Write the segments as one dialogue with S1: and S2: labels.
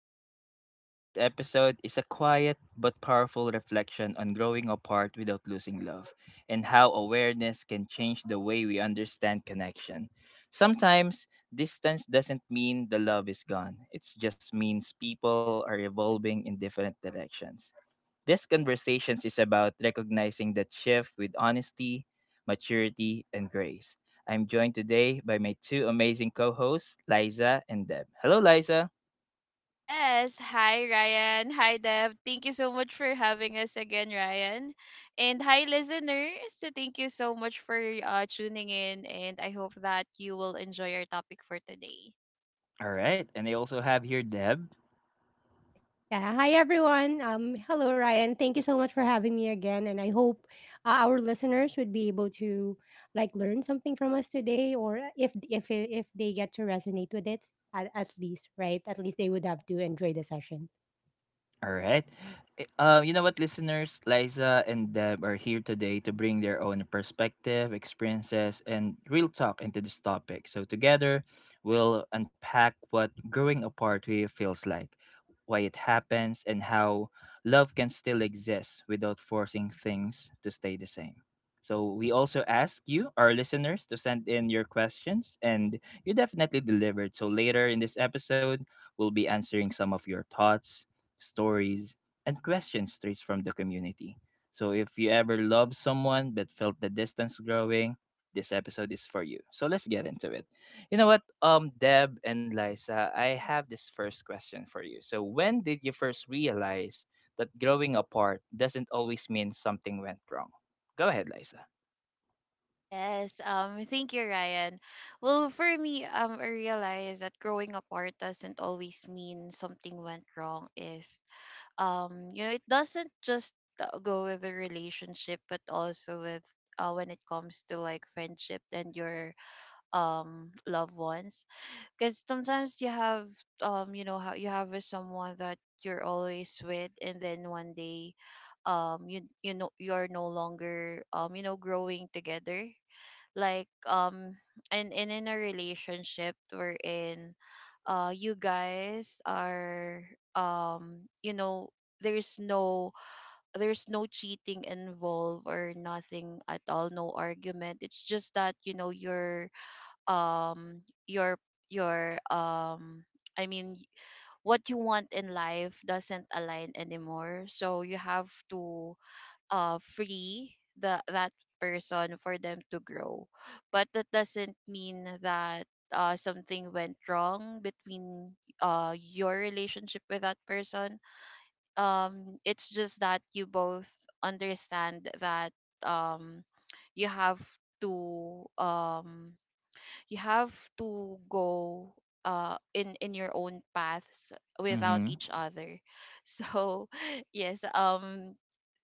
S1: podcast. Today's episode is a quiet but powerful reflection on growing apart without losing love and how awareness can change the way we understand connection. Sometimes, distance doesn't mean the love is gone, it just means people are evolving in different directions. This conversations is about recognizing that shift with honesty, maturity, and grace. I'm joined today by my two amazing co-hosts, Liza and Deb. Hello, Liza.
S2: Yes. Hi, Ryan. Hi, Dev. Thank you so much for having us again, Ryan. And hi, listeners. So thank you so much for tuning in, and I hope that you will enjoy our topic for today.
S1: All right. And I also have here Deb.
S3: Yeah. Hi, everyone. Hello, Ryan. Thank you so much for having me again, and I hope our listeners would be able to like learn something from us today, or if they get to resonate with it, at least, right? At least they would have to enjoy the session.
S1: All right. You know what, listeners? Liza and Deb are here today to bring their own perspective, experiences, and real talk into this topic. So, together, we'll unpack what growing apart really feels like, why it happens, and how love can still exist without forcing things to stay the same. So, we also ask you, our listeners, to send in your questions, and you definitely delivered. So, later in this episode, we'll be answering some of your thoughts stories, and questions straight from the community. So if you ever loved someone but felt the distance growing, this episode is for you. So let's get into it. Deb and Liza, I have this first question for you. So when did you first realize that growing apart doesn't always mean something went wrong? Go ahead, Liza.
S2: Yes, thank you, Ryan. Well, for me, I realize that growing apart doesn't always mean something went wrong. Is you know, it doesn't just go with the relationship, but also with when it comes to like friendship and your loved ones because sometimes you have you know how you have with someone that you're always with, and then one day you know you're no longer you know growing together, like um and in a relationship we're in you guys are you know there's no, there's no cheating involved or nothing at all, no argument, it's just that you know you're um your, your um I mean what you want in life doesn't align anymore. So you have to free the that person for them to grow. But that doesn't mean that something went wrong between your relationship with that person. It's just that you both understand that um you have to um you have to go in your own paths without
S1: Mm-hmm.
S2: each other so yes,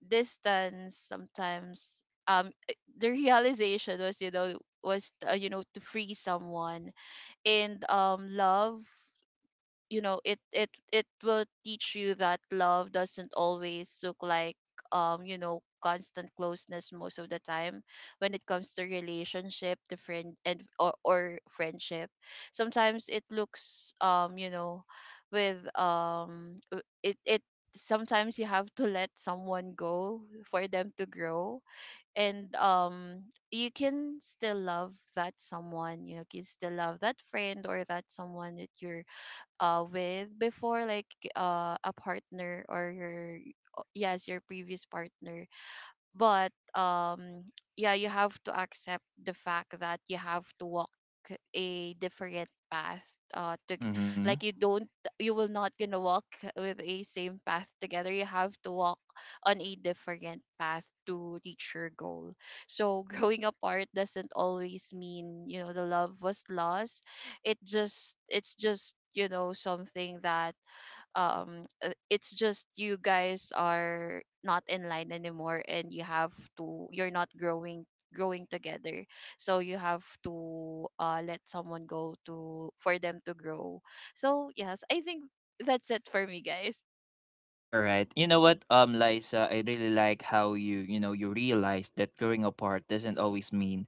S2: distance sometimes, the realization was, you know, was you know, to free someone. And love, you know, it will teach you that love doesn't always look like you know constant closeness. Most of the time when it comes to relationship, the friend and, or friendship, sometimes it looks you know with it sometimes you have to let someone go for them to grow. And you can still love that someone, you know, can still love that friend or that someone that you're with before, like a partner or your, yes, your previous partner. But yeah, you have to accept the fact that you have to walk a different path uh to g- like you don't, you will not gonna walk with a same path together. You have to walk on a different path to reach your goal. So growing apart doesn't always mean, you know, the love was lost. It's just, you know, something that it's just you guys are not in line anymore, and you have to, you're not growing, growing together. So you have to let someone go to for them to grow. So yes, I think that's it for me, guys.
S1: All right. Liza, I really like how you realize that growing apart doesn't always mean,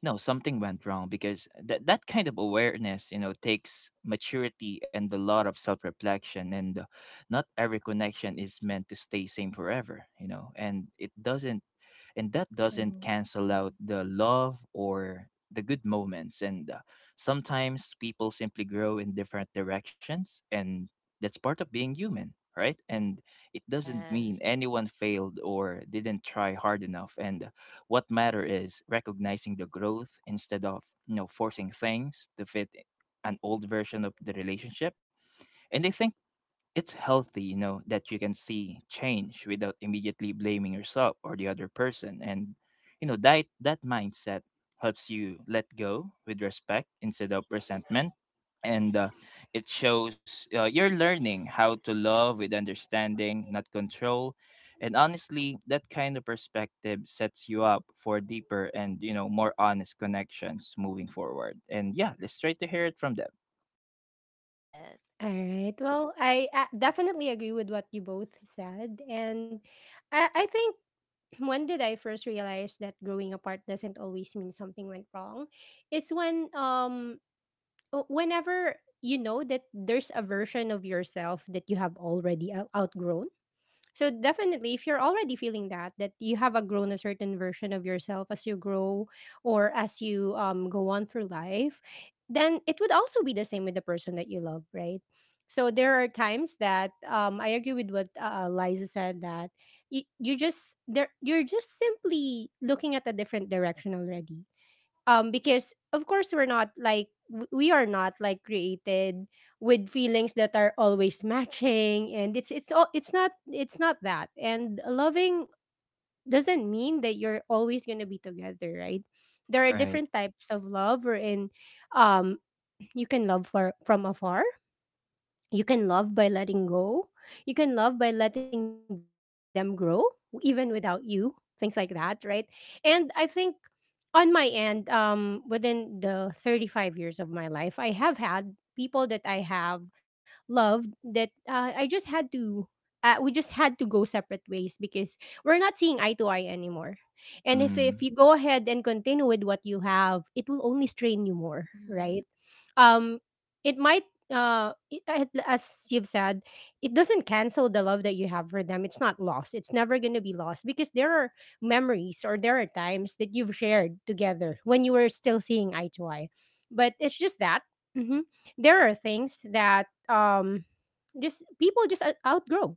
S1: you know, something went wrong because that kind of awareness, you know, takes maturity and a lot of self-reflection and not every connection is meant to stay same forever, you know, and that doesn't
S3: True.
S1: cancel out
S3: Mhm.
S1: the love or the good moments and sometimes people simply grow in different directions, and that's part of being human, right? And it doesn't mean
S2: Yes.
S1: anyone failed or didn't try hard enough. And what matter is recognizing the growth instead of, you know, forcing things to fit an old version of the relationship. And I think it's healthy, you know, that you can see change without immediately blaming yourself or the other person. And, you know, that mindset helps you let go with respect instead of resentment. And it shows you're learning how to love with understanding, not control. And honestly, that kind of perspective sets you up for deeper and, you know, more honest connections moving forward. And yeah, let's try to hear it from them.
S2: Yes.
S3: All right. Well, I definitely agree with what you both said. And I think when did I first realize that growing apart doesn't always mean something went wrong? It's when whenever you know that there's a version of yourself that you have already outgrown. So definitely if you're already feeling that that you have outgrown a certain version of yourself as you grow, or as you go on through life, then it would also be the same with the person that you love, right? So there are times that I agree with what Liza said, that you just there you're just simply looking at a different direction already. Because of course we're not like we are not like created with feelings that are always matching, and it's not it's not that. And loving doesn't mean that you're always going to be together, right? There are
S1: All right.
S3: different types of love wherein, um you can love for from afar, you can love by letting go, you can love by letting them grow even without you, things like that, right? And I think on my end, within the 35 years of my life I have had people that I have loved that I just had to, we just had to go separate ways because we're not seeing eye to eye anymore. And if
S1: Mm,
S3: you go ahead and continue with what you have, it will only strain you more,
S2: Mm-hmm.
S3: right? um it might as you've said, it doesn't cancel the love that you have for them. It's not lost, it's never going to be lost because there are memories or there are times that you've shared together when you were still seeing eye to eye. But it's just that, mhm, there are things that just people just outgrow.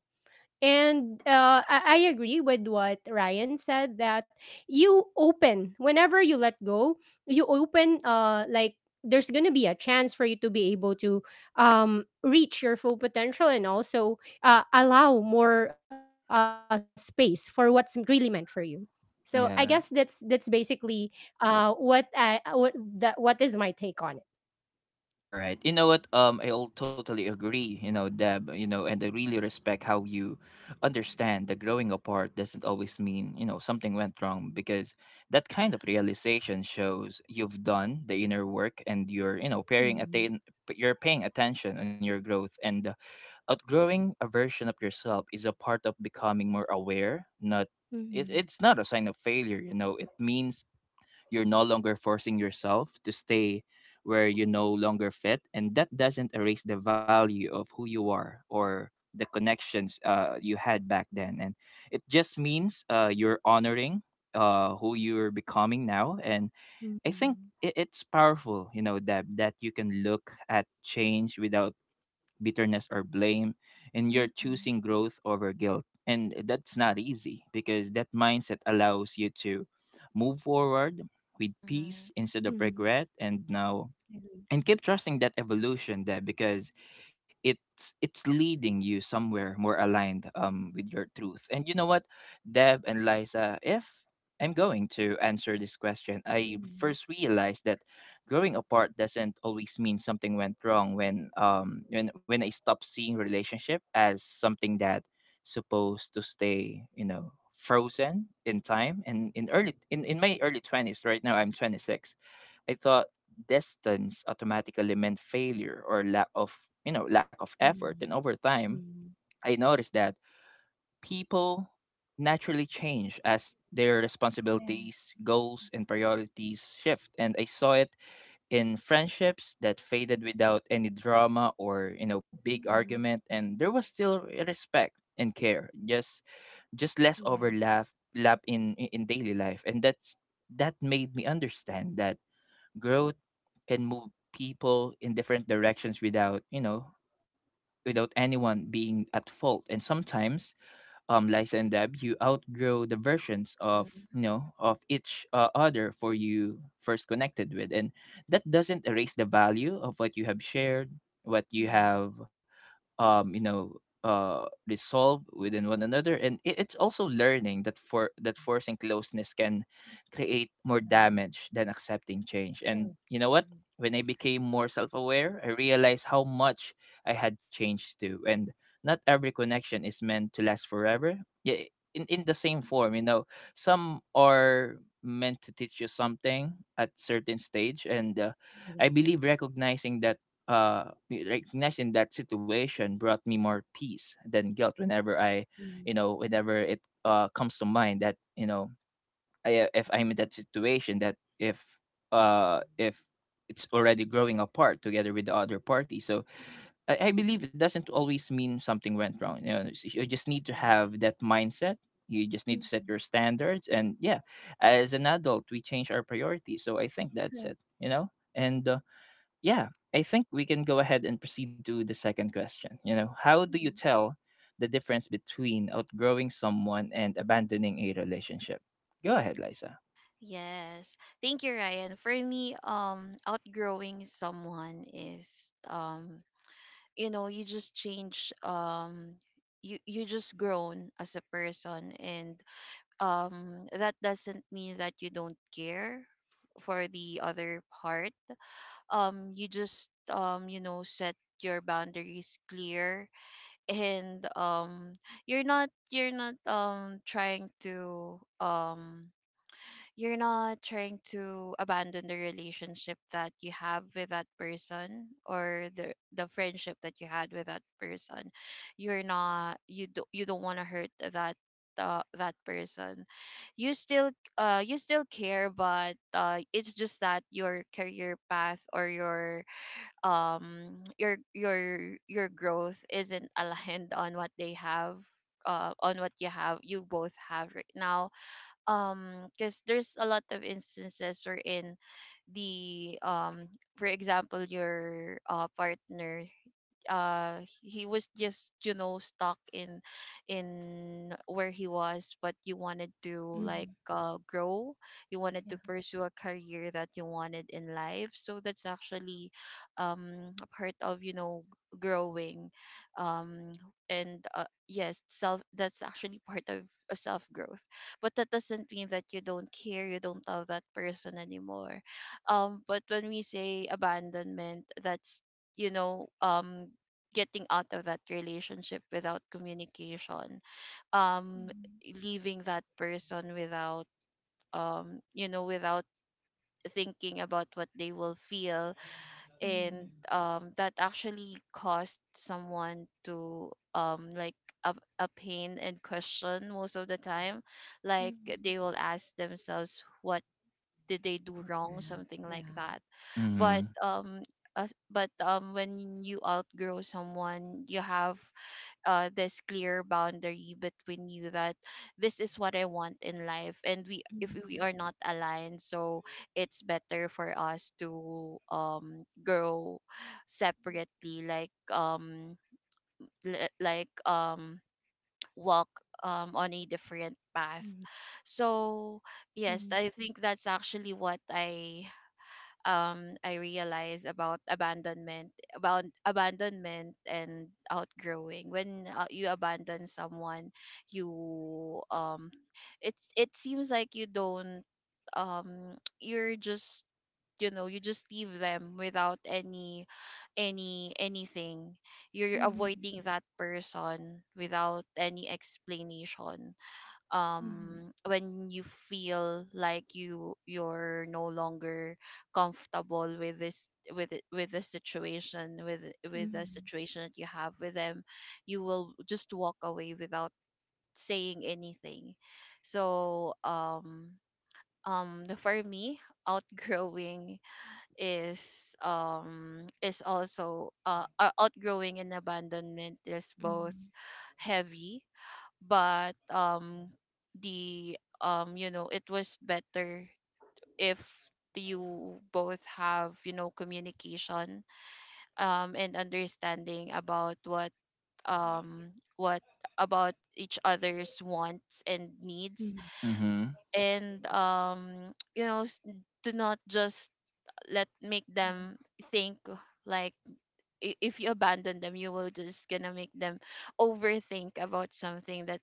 S3: And I agree with what Ryan said, that you open whenever you let go, you open like there's gonna be a chance for you to be able to reach your full potential, and also allow more space for what's really meant for you. So I guess that's
S1: yeah.
S3: that's basically what I what that what is my take on it.
S1: All right. You know what? I all totally agree. You know, Deb. You know, and I really respect how you understand that growing apart doesn't always mean, you know, something went wrong because that
S2: Yeah.
S1: kind of realization shows you've done the inner work and you're you know paying
S3: Mm-hmm.
S1: attain you're paying attention on your growth. And outgrowing a version of yourself is a part of becoming more aware. Not it,
S3: Mm-hmm.
S1: it's not a sign of failure. You know, it means you're no longer forcing yourself to stay where you no longer fit, and that doesn't erase the value of who you are or the connections you had back then. And it just means you're honoring who you're becoming now. And I think it's powerful, you know, that that you can look at change without bitterness or blame, and you're choosing
S3: Mm-hmm.
S1: growth over guilt. And that's not easy because that mindset allows you to move forward with
S2: Mm-hmm.
S1: peace instead of
S3: Mm-hmm.
S1: regret, and now and keep trusting that evolution there because it's leading you somewhere more aligned with your truth. And you know what, Deb and Liza, if I'm going to answer this question, I first realized that growing apart doesn't always mean something went wrong when I stopped seeing relationship as something that supposed to stay, you know, frozen in time. And in my early twenties, right now I'm 26, I thought distance automatically meant failure or lack of, you know, lack of effort. And over time,
S3: Hmm.
S1: I noticed that people naturally change as their
S3: Yes.
S1: responsibilities, goals, and priorities shift. And I saw it in friendships that faded without any drama or, you know, big
S3: Mhm.
S2: Mhm.
S1: argument. And there was still respect and care,
S3: Yes.
S1: just less overlap lap in daily life. And that's that made me understand that growth can move people in different directions without, you know, without anyone being at fault. And sometimes, lies and dab, you outgrow the versions of,
S2: Mhm.
S1: you know, of each other for you first connected with, and that doesn't erase the value of what you have shared, what you
S3: Mhm.
S1: have you know resolve within one another. And it's also learning that forcing closeness can create more
S3: Yeah,
S1: damage than accepting change. And
S3: true.
S1: you know what,
S3: Mhm.
S1: when I became more self-aware, I realized how much I had changed too. And not every connection is meant to last forever, yeah, in the same form, you know. Some are meant to teach you something at certain stage. And I
S3: Exactly.
S1: believe recognizing that situation brought me more peace than guilt whenever I,
S3: Mhm.
S1: you know, whenever it comes to mind that, you know, if I'm in that situation, that if it's already growing apart together with the other party. So I believe it doesn't always mean something went wrong. You you just need to
S2: Yeah.
S1: have that mindset, you just need to set
S3: Mhm.
S1: your standards. And yeah, as an adult we change our priorities, so I think that's
S3: True.
S1: it, you know. And yeah, I think we can go ahead and proceed to the second question. You know, how do you
S3: Mhm.
S1: tell the difference between outgrowing someone and abandoning a relationship? Go ahead, Liza.
S2: Yes, thank you, Ryan. For me, outgrowing someone is um you know you just change, you just grown as a person. And that doesn't mean that you don't care for the other part. You just you know set your boundaries clear. And you're not trying to you're not trying to abandon the relationship that you have with that person or the friendship that you had with that person. You're not, you do, you don't want to hurt that that person. You still you still care, but it's just that your career path or your your growth isn't aligned on what they have, on what you have, you both have right now. Because there's a lot of instances wherein the for example your partner, he was just, you know, stuck in where he was, but you wanted to like
S3: Mhm.
S2: grow, you wanted to
S3: Yeah.
S2: pursue a career that you wanted in life. So that's actually a part of, you know, growing. um and yes, self, that's actually part of a self growth. But that doesn't mean that you don't care, you don't love that person anymore. But when we say abandonment, that's, you know, getting out of that relationship without communication, um
S3: Mhm.
S2: leaving that person without you know, without thinking about what they will feel. And
S3: Mhm.
S2: that actually caused someone to like a, a pain and question most of the time. Like they
S3: Mhm.
S2: will ask themselves what did they do
S3: But,
S2: wrong,
S3: that?
S2: something like
S3: Yeah.
S2: that. But
S1: Mm-hmm.
S2: as, but when you outgrow someone, you have this clear boundary between you that this is what I want in life, and we, if we are
S3: Mhm.
S2: not aligned, so it's better for us to grow separately, li- like um walk on a different path. So
S3: Mhm.
S2: yes, I think that's actually what I realized about abandonment, about abandonment and outgrowing. When you abandon someone, you it's it seems like you don't um you're just, you know, you just leave them without any, anything. You're
S3: Mhm.
S2: avoiding that person without any explanation,
S3: Mhm.
S2: when you feel like you, you're no longer comfortable with this, with it- with the situation, with the
S3: Mhm.
S2: situation that you have with them. You will just walk away without saying anything. So for me outgrowing is also outgrowing and abandonment is both
S3: Mhm.
S2: heavy. But the you know, it was better if you both have, you know, communication and understanding about um what about each other's wants and
S3: Mhm.
S2: needs.
S3: Mhm.
S1: Mm-hmm.
S2: And you know, s- do not just let make them
S3: Yeah.
S2: think like, I- if you abandon them, you will just gonna make them overthink about something that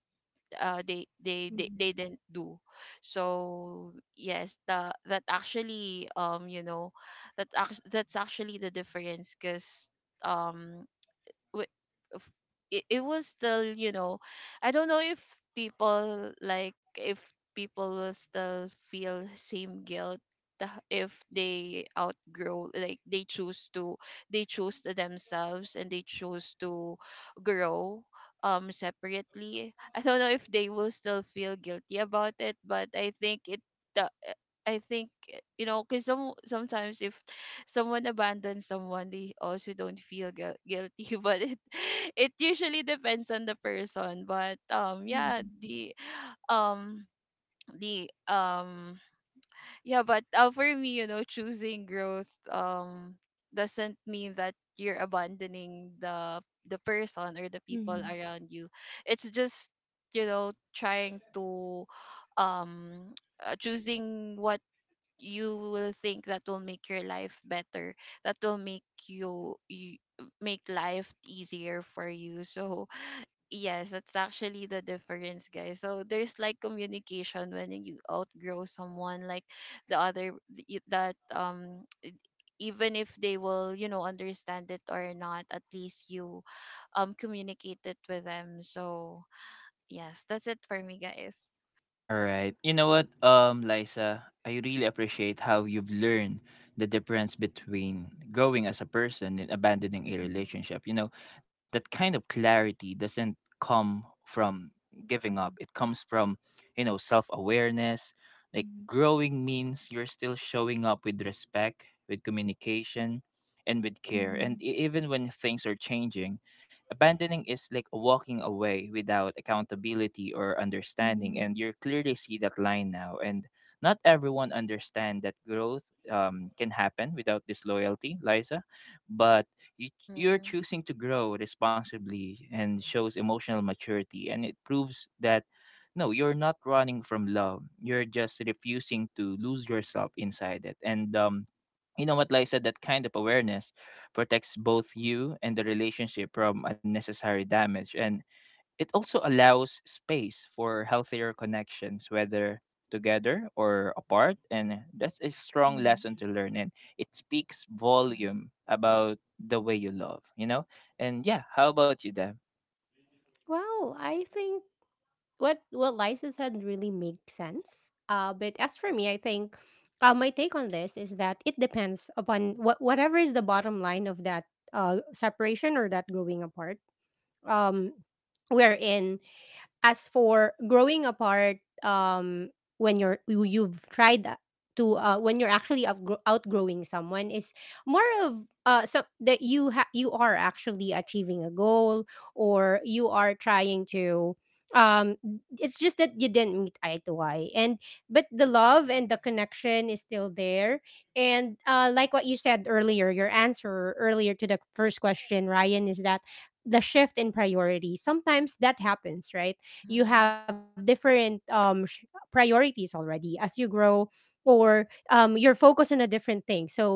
S2: they, they
S3: Mhm.
S2: they didn't do. So yes, the, that actually, you know, that act- that's actually the difference. Because um w- f- it, it was still, you know, I don't know if people like, if people will still feel same guilt, the- if they outgrow, like they choose to, they choose to themselves and they choose to grow separately. I don't know if they will still feel guilty about it, but I think it, the, I think, you know, because some sometimes if someone abandons someone, they also don't feel guilty. But it usually depends on the person. But yeah,
S3: Mhm.
S2: the um the um yeah, but for me, you know, choosing growth doesn't mean that you're abandoning the person or the people
S3: Mhm.
S2: around you. It's just, you know, trying to um choosing what you will think that will make your life better, that will make you, you make life easier for you. So yes, that's actually the difference, guys. So there's like communication when you outgrow someone, like the other, y- that um e- even if they will, you know, understand it or not, at least you communicate it with them. So yes, that's it for me, guys.
S1: All right. Liza, I really appreciate how you've learned the difference between growing as a person and abandoning a
S3: Mhm. Mhm.
S1: relationship. You know, that kind of clarity doesn't come from giving up. It comes from, you know, self-awareness. Like
S3: Mhm.
S1: growing means you're still showing up with respect, with communication, and with care. And
S3: Mhm.
S1: even when things are changing, abandoning is like walking away without accountability or understanding,
S3: Mhm.
S1: and you clearly see that line now. And not everyone understand that growth can happen without disloyalty, Liza, but you, you're
S2: Mm-hmm.
S1: choosing to grow responsibly and shows emotional maturity, and it proves that no, you're not running from love. You're just refusing to lose yourself inside it. And you know what, Liza, that kind of awareness protects both you and the relationship from unnecessary damage, and it also allows space for healthier connections whether together or apart. And that's a strong lesson
S3: Mhm.
S1: to learn, and it speaks
S2: Mm-hmm.
S1: volume about the way you love, you know. And yeah, how about you, Deb?
S3: Wow, I think what Liza said really makes sense. But as for me, I think my take on this is that it depends upon what whatever is the bottom line of that separation, or that growing apart. Um, wherein as for growing apart, um, when you're you've tried a- to when you're actually outgrowing someone is more of so that you are actually achieving a goal, or you are trying to um it's just that you didn't meet eye to eye, and but the love and the connection is still there. And like what you said earlier, your answer earlier to the first question Ryan, is that the shift in priority sometimes that happens, right? You
S2: Mm-hmm.
S3: have different priorities already as you grow, or you're focused on a different thing, so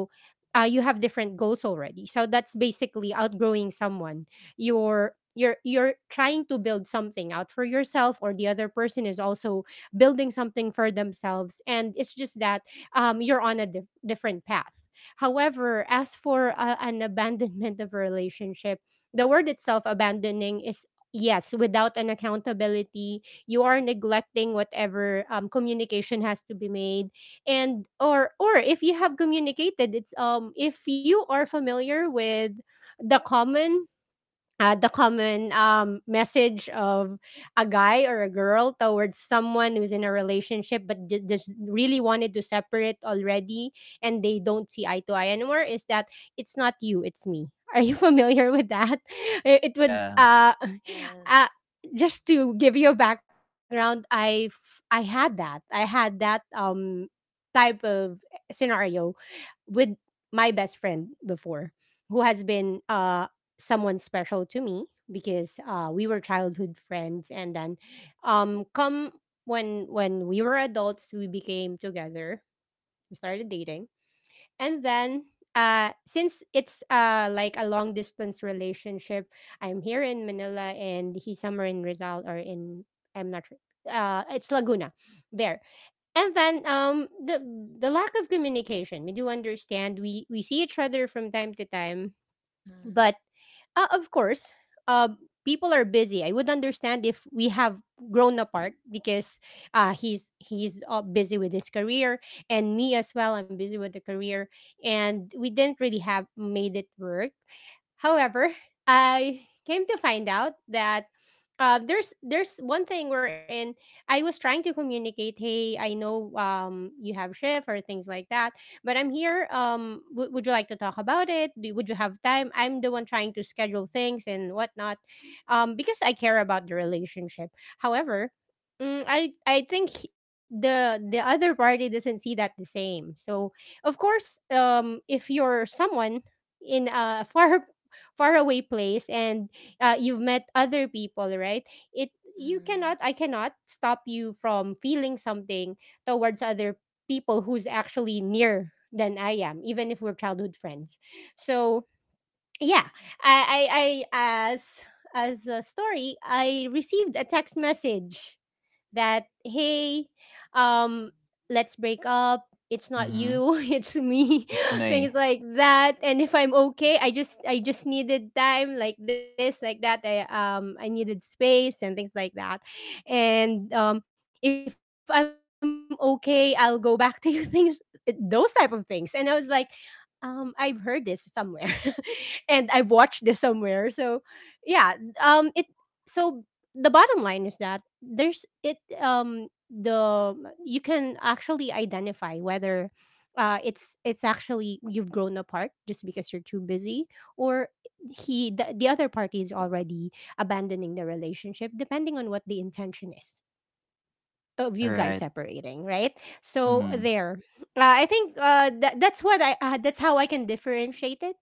S3: you have different goals already. So that's basically outgrowing someone. You're trying to build something out for yourself, or the other person is also building something for themselves, and it's just that you're on a different path. However as for an abandonment of a relationship, the word itself abandoning is, yes, without an accountability. You are neglecting whatever communication has to be made, and or if you have communicated, it's if you are familiar with the common message of a guy or a girl towards someone who's in a relationship but just really wanted to separate already, and they don't see eye to eye anymore, is that, it's not you, it's me. Are you familiar with that? It would
S1: Yeah.
S2: Yes.
S3: uh just to give you a background, I had that. I had that type of scenario with my best friend before, who has been someone special to me because we were childhood friends, and then come when we were adults we became together, we started dating. And then since it's like a long distance relationship, I'm here in Manila and he's somewhere in Rizal, or in, I'm not sure, it's Laguna there. And then the lack of communication, we do understand, we see each other from time to time,
S2: Mhm,
S3: but of course, uh, people are busy. I would understand if we have grown apart because he's busy with his career, and me as well. I'm busy with the career, and we didn't really have made it work. However, I came to find out that there's one thing wherein I was trying to communicate. Hey, I know you have shift or things like that, but I'm here. Would you like to talk about it? Would you have time? I'm the one trying to schedule things and whatnot, because I care about the relationship. However, mm, I think the other party doesn't see that the same. So of course, if you're someone in a far far away place, and you've met other people, right? It, you
S2: mhm.
S3: cannot, I cannot stop you from feeling something towards other people who's actually near than I am, even if we're childhood friends. So yeah, I I as a story, I received a text message that, hey, um let's break up, it's not
S1: Mm-hmm.
S3: you it's me
S1: It's
S3: things
S1: may.
S3: like that, and if I'm
S2: Well,
S3: okay, I just needed time, like this, like that. I needed space and things like that. And if I'm okay, I'll go back to you, things, those type of things. And I was like, I've heard this somewhere and I've watched this somewhere. So yeah, it so the bottom line is that there's it, um the you can actually identify whether it's actually you've grown apart just because you're too busy, or the other party is already abandoning the relationship, depending on what the intention is of
S1: All
S3: you guys
S1: right.
S3: separating, right? So
S1: Mm-hmm.
S3: there, I think that's how I can differentiate it.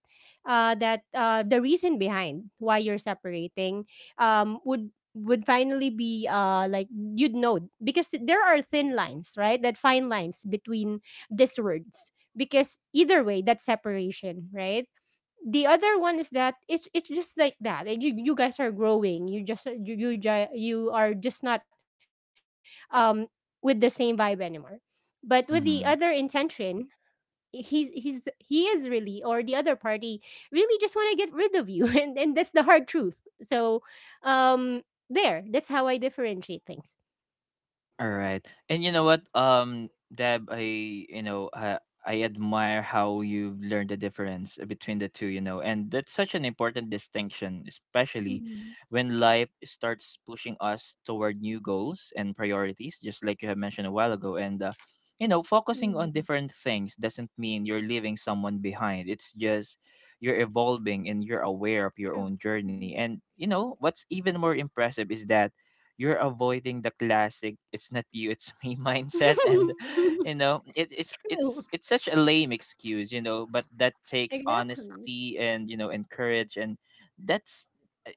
S3: That the reason behind why you're separating, would finally be like you'd know, because there are thin lines, right? That fine lines between these words, because either way, that's separation, right? The other one is that it's just like that. Like you guys are growing. You just you are just not um with the same vibe anymore. But with the other
S1: Mm-hmm.
S3: intention, he is really, or the other party really just want to get rid of you, and that's the hard truth. So, um, there. That's how I differentiate things.
S1: All right. And you know what, Deb, I I admire how you've learned the difference between the two, you know, and that's such an important distinction, especially
S3: Mm-hmm.
S1: when life starts pushing us toward new goals and priorities, just like you have mentioned a while ago. And you know, focusing on
S3: Mm-hmm.
S1: different things doesn't mean you're leaving someone behind. It's just you're evolving and you're aware of your
S3: True.
S1: own journey.
S3: Mm-hmm.
S1: And you know, what's even more impressive is that you're avoiding the classic "it's not you it's me" mindset. And you know it's
S3: True.
S1: it's such a lame excuse, you know, but that takes
S3: Exactly.
S1: honesty and, you know, and courage. And that's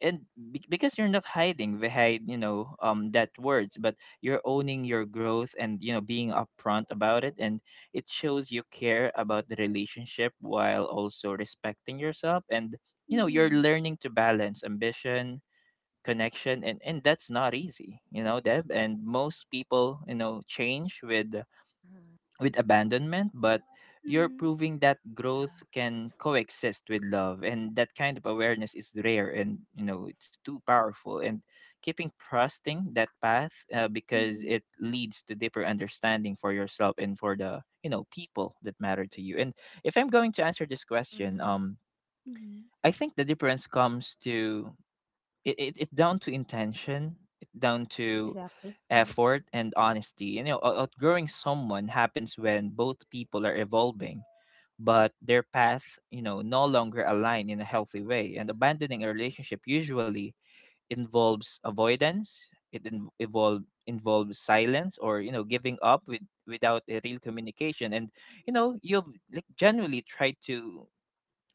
S1: and because you're not hiding behind, you know, that words, but you're owning your growth and, you know, being upfront about it. And it shows you care about the relationship while also respecting yourself. And you know
S3: Mm-hmm.
S1: you're learning to balance ambition, connection, and that's not easy, you know, Deb. And most people, you know, change
S2: mhm.
S1: with abandonment, but you're
S3: Mm-hmm.
S1: proving that growth
S2: Yeah.
S1: can coexist with love, and that kind of awareness is rare. And you know it's too powerful, and keeping trusting that path because it leads to deeper understanding for yourself and for the, you know, people that matter to you. And if I'm going to answer this question,
S2: Mhm,
S3: Mm-hmm.
S1: I think the difference comes to it down to intention, it down to
S3: Exactly. Mm.
S1: effort and honesty, you know. Outgrowing someone happens when both people are evolving but their path, you know, no longer align in a healthy way. And abandoning a relationship usually involves avoidance, it involves silence or, you know, giving up without a real communication. And you know you've like genuinely tried to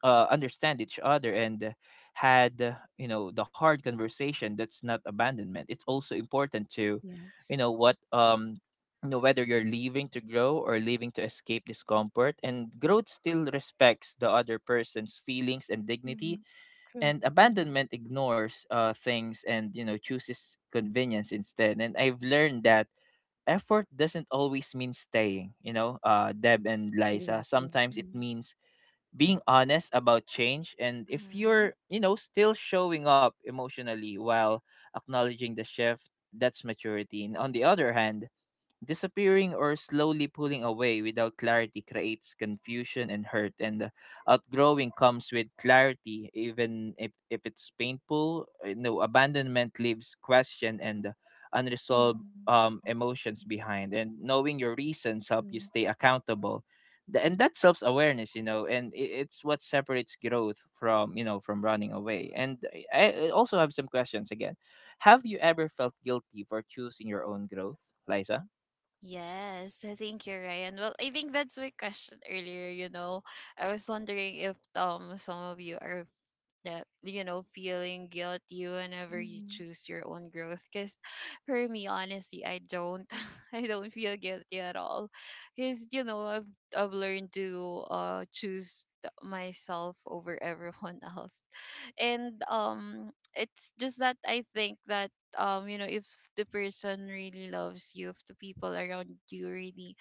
S1: understand each other and had you know the hard conversation, that's not abandonment. It's also important
S3: Yes.
S1: to, you know what, you know whether you're leaving to grow or Leaving to escape discomfort, and growth still respects the other person's feelings and
S3: Hmm.
S1: dignity,
S3: True.
S1: and
S3: Hmm.
S1: abandonment ignores things, and you know, chooses convenience instead. And I've learned that effort doesn't always mean staying, you know, Deb and Liza.
S3: Exactly.
S1: Sometimes it
S3: Hmm.
S1: means being honest about change, and if
S2: mhm.
S1: you're, you know, still showing up emotionally while acknowledging the shift, that's maturity. And on the other hand, disappearing or slowly pulling away without clarity creates confusion and hurt, and outgrowing comes with clarity, even if it's painful. No, abandonment leaves question and unresolved
S3: Hmm.
S1: emotions behind, and knowing
S3: True.
S1: your reasons help you stay accountable. And that's self awareness, you know, and it's what separates growth from, you know, from running away. And I also have some questions again. Have you ever felt guilty for choosing your own growth, Liza?
S2: Yes, I think you're right. And well, I think that's my question earlier, you know. I was wondering if some of you are that, you know, feeling guilty whenever you
S3: Hmm.
S2: choose your own growth. Because for me, honestly, I don't I don't feel guilty at all, because, you know, I've learned to choose myself over everyone else. And it's just that I think that, you know, if the person really loves you, if the people around you really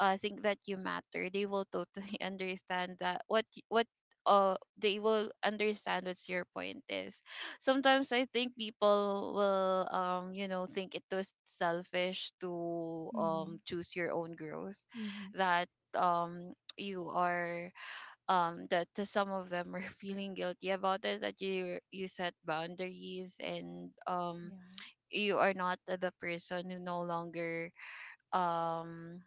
S2: think that you matter, they will totally understand that what they will understand what your point is. Sometimes I think people will you know think it was selfish to
S3: Hmm.
S2: choose your own growth,
S3: Hmm.
S2: that um you are, that to some of them are feeling guilty about it, that you set boundaries. And
S3: Yeah.
S2: you are not the, the person um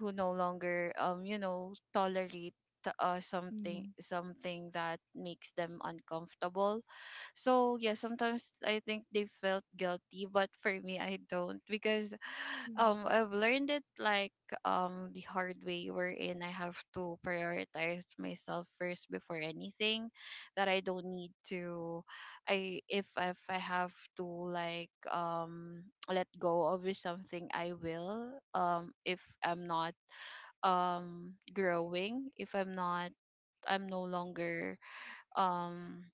S2: who no longer you know tolerate
S3: Hmm.
S2: something,
S3: Hmm.
S2: something that makes them uncomfortable. So yeah, sometimes I think they felt guilty, but for me, I don't, because
S3: Hmm.
S2: I've learned it like the hard way, wherein I have to prioritize myself first before anything, that I don't need to, I if I have to, like, let go of it, something I will. If I'm not growing, if I'm not, I'm no longer um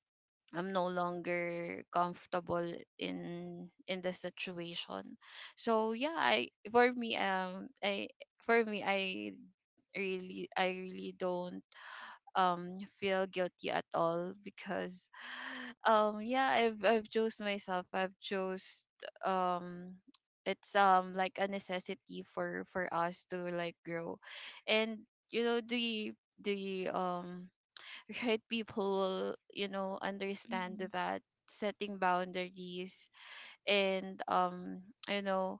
S2: I'm no longer comfortable in the situation. So yeah, I, for me, I, for me, I really, I really don't feel guilty at all. Because yeah, I've chose myself, I've chose, um it's like a necessity for us to like grow. And, you know, the, the um right people will, you know, understand that setting boundaries, and you know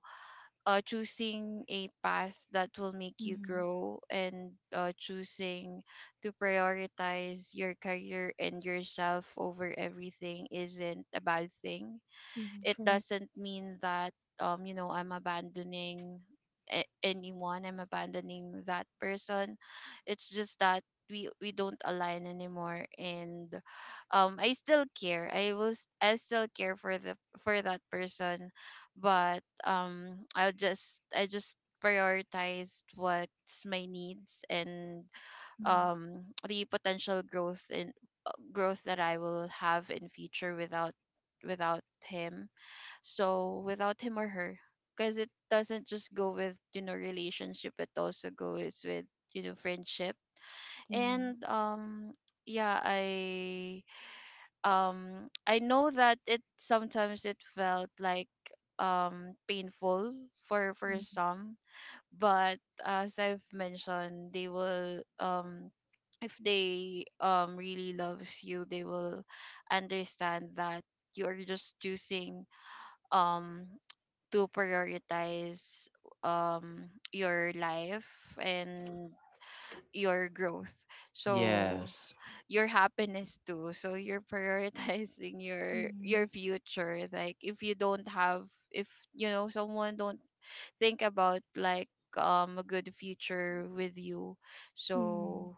S2: choosing a path that will make you
S3: Hmm.
S2: grow, and choosing to prioritize your career and yourself over everything isn't a bad thing.
S3: Hmm.
S2: It
S3: True.
S2: doesn't mean that you know I'm abandoning anyone, I'm abandoning that person. It's just that we don't align anymore. And I still care. I still care for the for that person. But I just prioritized what's my needs. And
S3: Hmm.
S2: the potential growth in growth that I will have in future without him. So without him or her, because it doesn't just go with, relationship, it also goes with, friendship.
S3: Yeah.
S2: And yeah, I know that it sometimes it felt like painful for
S3: Hmm.
S2: some, but as I've mentioned, they will, if they really loves you, they will understand that you are just choosing um to prioritize your life and your growth, so
S1: Yes.
S2: your happiness too, so you're prioritizing your
S3: Hmm.
S2: your future. Like, if you don't have, if you know someone don't think about, like, a good future with you,
S3: Hmm.
S2: so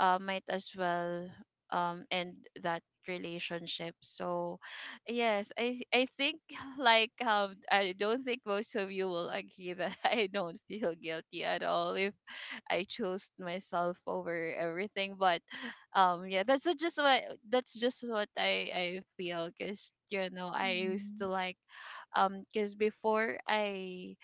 S2: might as well end that relationship. So yes, I think like, I don't think most of you will agree that I don't feel guilty at all if I chose myself over everything. But yeah, that's just what I feel. Because, you know, I used
S3: Hmm.
S2: to, like, because before I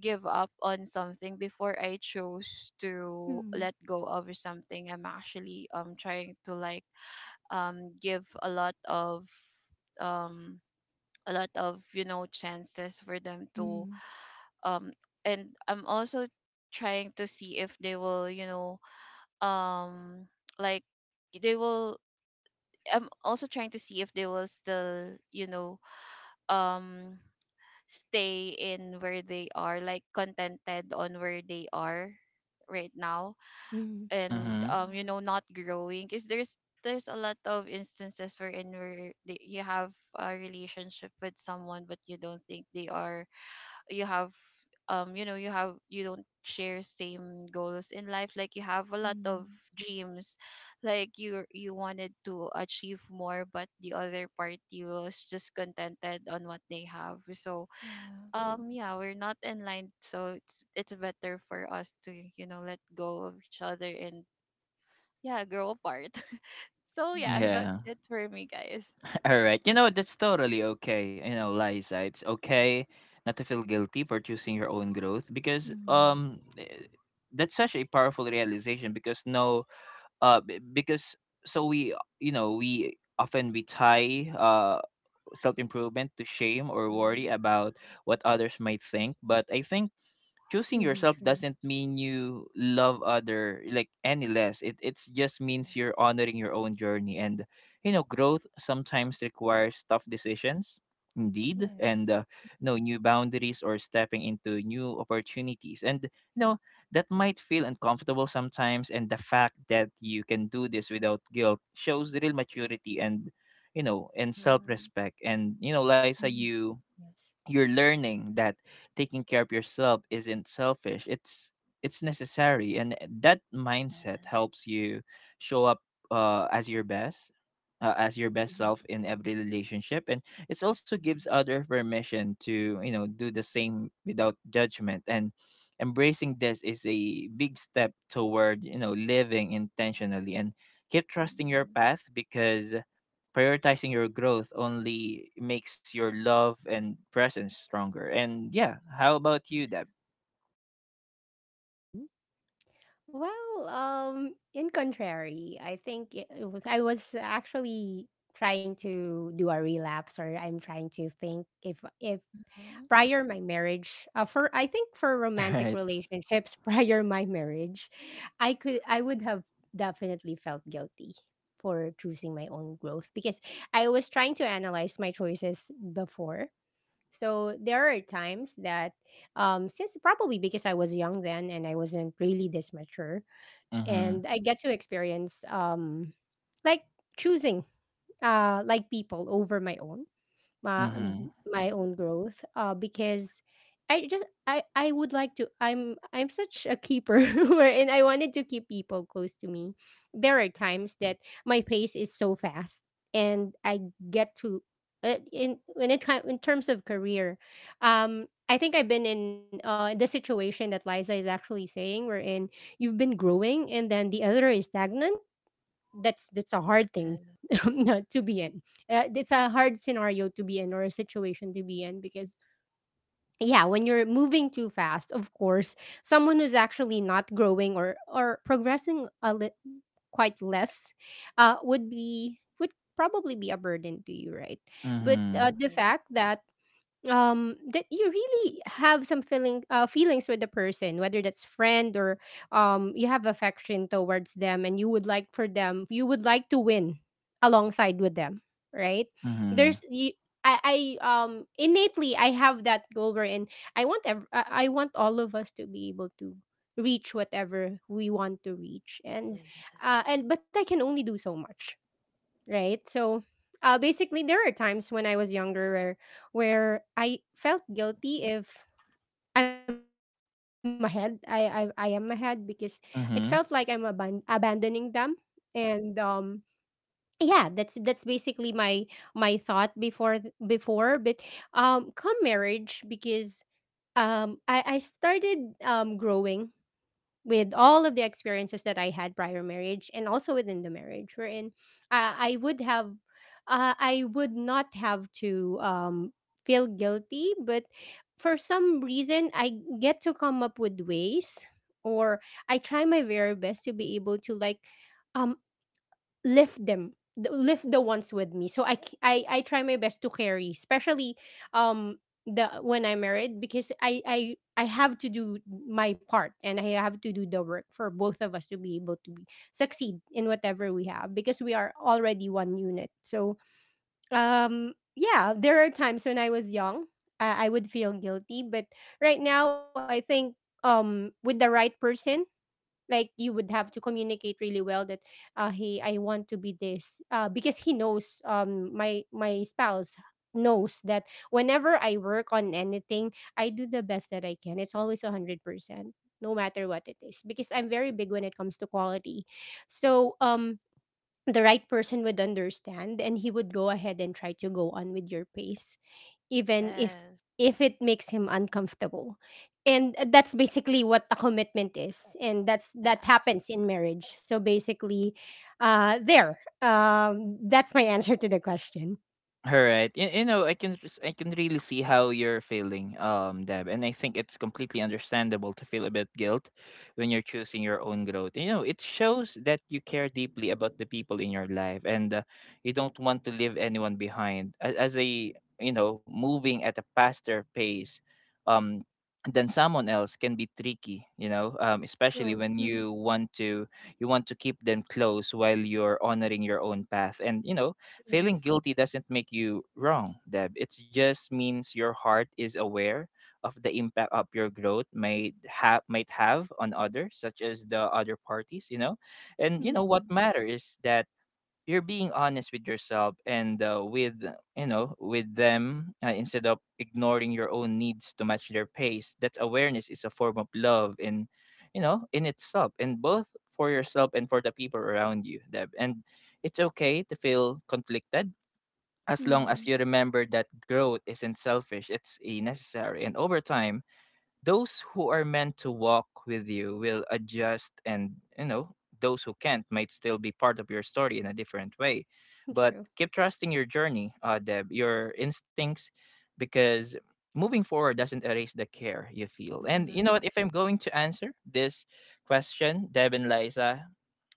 S2: give up on something, before I chose to
S3: Hmm.
S2: let go of something, I'm actually trying to, like, give a lot of, um you know, chances for them to.
S3: Hmm.
S2: um and I'm also trying to see if they will, um like they will I'm also trying to see if they will still, um stay in where they are, like, contented on where they are right
S3: Hmm.
S2: now.
S3: Yeah.
S2: and
S1: Mhm.
S2: um you know, not growing, because there's a lot of instances where in where you have a relationship with someone, but you don't think they are, you have, you know, you have, you don't share same goals in life, like you have a lot of
S3: Hmm.
S2: dreams, like you wanted to achieve more, but the other party was just contented on what they have. So,
S3: Yeah.
S2: yeah, we're not in line, so it's better for us to, you know, let go of each other, and, yeah, grow apart. So yes, that's
S3: Yeah.
S1: Yeah.
S2: it for me, guys.
S1: All right. You know, that's totally okay. You know, Liza, it's okay not to feel guilty for choosing your own growth, because
S3: Hmm.
S1: that's such a powerful realization. Because no, because so we, you know, we often we tie self-improvement to shame or worry
S2: Mm-hmm.
S1: about what others might think. But I think
S3: Hmm.
S1: choosing
S3: True.
S1: yourself doesn't mean you love other like any less. It it's just means you're
S2: Yes.
S1: honoring your own journey. And you know, growth sometimes requires tough decisions, indeed, and
S3: Yes.
S1: uh, no new boundaries or stepping into new opportunities. And you know, that might feel uncomfortable sometimes, and the fact that you can do this without guilt shows real maturity and, you know, and
S2: Mm-hmm.
S1: self-respect. And you know, Liza,
S3: Hmm.
S1: you
S3: Yes.
S1: you're learning that taking care of yourself isn't selfish. It's necessary, and that mindset
S2: Yes.
S1: helps you show up uh, as your best as your best
S3: Hmm.
S1: self in every relationship. And it also
S2: Mm-hmm.
S1: gives other permission to, you know, do the same without judgment. And embracing this is a big step toward, you know, living intentionally, and keep trusting your path, because prioritizing your growth only makes your love and presence stronger. And yeah, how about you, Deb?
S3: Mhm. Well, in contrary, I think I was actually trying to do a relapse, or I'm trying to think if
S2: Mm-hmm. Mm-hmm.
S3: prior my marriage, for I think for romantic
S1: Right.
S3: relationships prior my marriage, I would have definitely felt guilty for choosing my own growth, because I was trying to analyze my choices before. So there are times that, since probably because I was young then and I wasn't really this mature,
S1: Mm-hmm.
S3: and I get to experience like choosing like people over my
S1: Mm-hmm.
S3: my
S2: Mm-hmm.
S3: own growth because I would like to I'm such a keeper and I wanted to keep people close to me. There
S2: Yeah.
S3: are times that my pace is so fast and I get to in when it comes in terms of career. I think I've been in the situation that Liza is actually saying, wherein you've been growing and then the other is stagnant. That's a hard thing
S2: Yes.
S3: to be in. It's a hard scenario to be in or a situation to be in because yeah, when you're moving too fast, of course, someone who's actually not growing or progressing quite less, would probably be a burden to you, right? But
S1: Mm-hmm.
S3: the
S2: Yes.
S3: fact that that you really have some feelings with the person, whether that's friend, or you have affection towards them and you would like for them, you would like to win alongside with them, right?
S1: Mm-hmm.
S3: There's you. I Innately I have that goal, wherein I want all of us to be able to reach whatever we want to reach, and
S2: Yes.
S3: but I can only do so much, right? So basically, there are times when I was younger where I felt guilty if I'm ahead. I am ahead because it felt like
S1: Mm-hmm.
S3: abandoning them, and yeah, that's basically my my thought before. But come marriage because I started growing with all of the experiences that I had prior marriage and also within the marriage, wherein I would have I would not have to feel guilty. But for some reason I get to come up with ways, or I try my very best to be able to, like, um lift lift the ones with me. So I, c- I try my best to carry, especially um the when I'm married, because I have to do my part and I have to do the work for
S1: Yeah.
S3: both of us to be able to be, succeed in whatever we have, because we are already one unit. So yeah, there are times when I was young, I would feel guilty. But right now I think with the right person, like, you would have to communicate really well that hey, I want to be this, because he knows, my my spouse knows that whenever I work on anything, I do the best that I can. It's always 100% no matter what it is, because I'm very big when it comes to quality. So the right person would understand and he would go ahead and try to go on with your pace, even
S2: Yes.
S3: if it makes him uncomfortable. And that's basically what a commitment is, and that's that
S2: Yes.
S3: happens in marriage. So basically, there that's my answer to the question.
S1: All right. You know, I can really see how you're feeling, Deb, and I think it's completely understandable to feel a bit guilt when you're choosing your own growth. You know, it shows that you care deeply about the people in your life, and you don't want to leave anyone behind. As a, you know, moving at a faster pace, um, than someone else can be tricky. You know, especially
S3: True.
S1: when you want to, you want to keep them close while you're honoring your own path. And you know, feeling
S3: Yes.
S1: guilty doesn't make you wrong, Deb. It just means your heart is aware of the impact of your growth might have on others, such as the other parties, you know. And you know what
S3: mm,
S1: matters is that you're being honest with yourself and with, you know, with them, instead of ignoring your own needs to match their pace. That awareness is a form of love in, you know, in itself, and both for yourself and for the people around you, Deb. And it's okay to feel conflicted, as long as
S3: mm,
S1: you remember that growth isn't selfish, it's a necessary. And over time, those who are meant to walk with you will adjust, and, you know, those who can't might still be part of your story in a different way. But
S3: true.
S1: keep trusting your journey, Deb, your instincts, because moving forward doesn't erase the care you feel. And you know
S2: Mm-hmm.
S1: what? If I'm going to answer this question, Deb and Liza,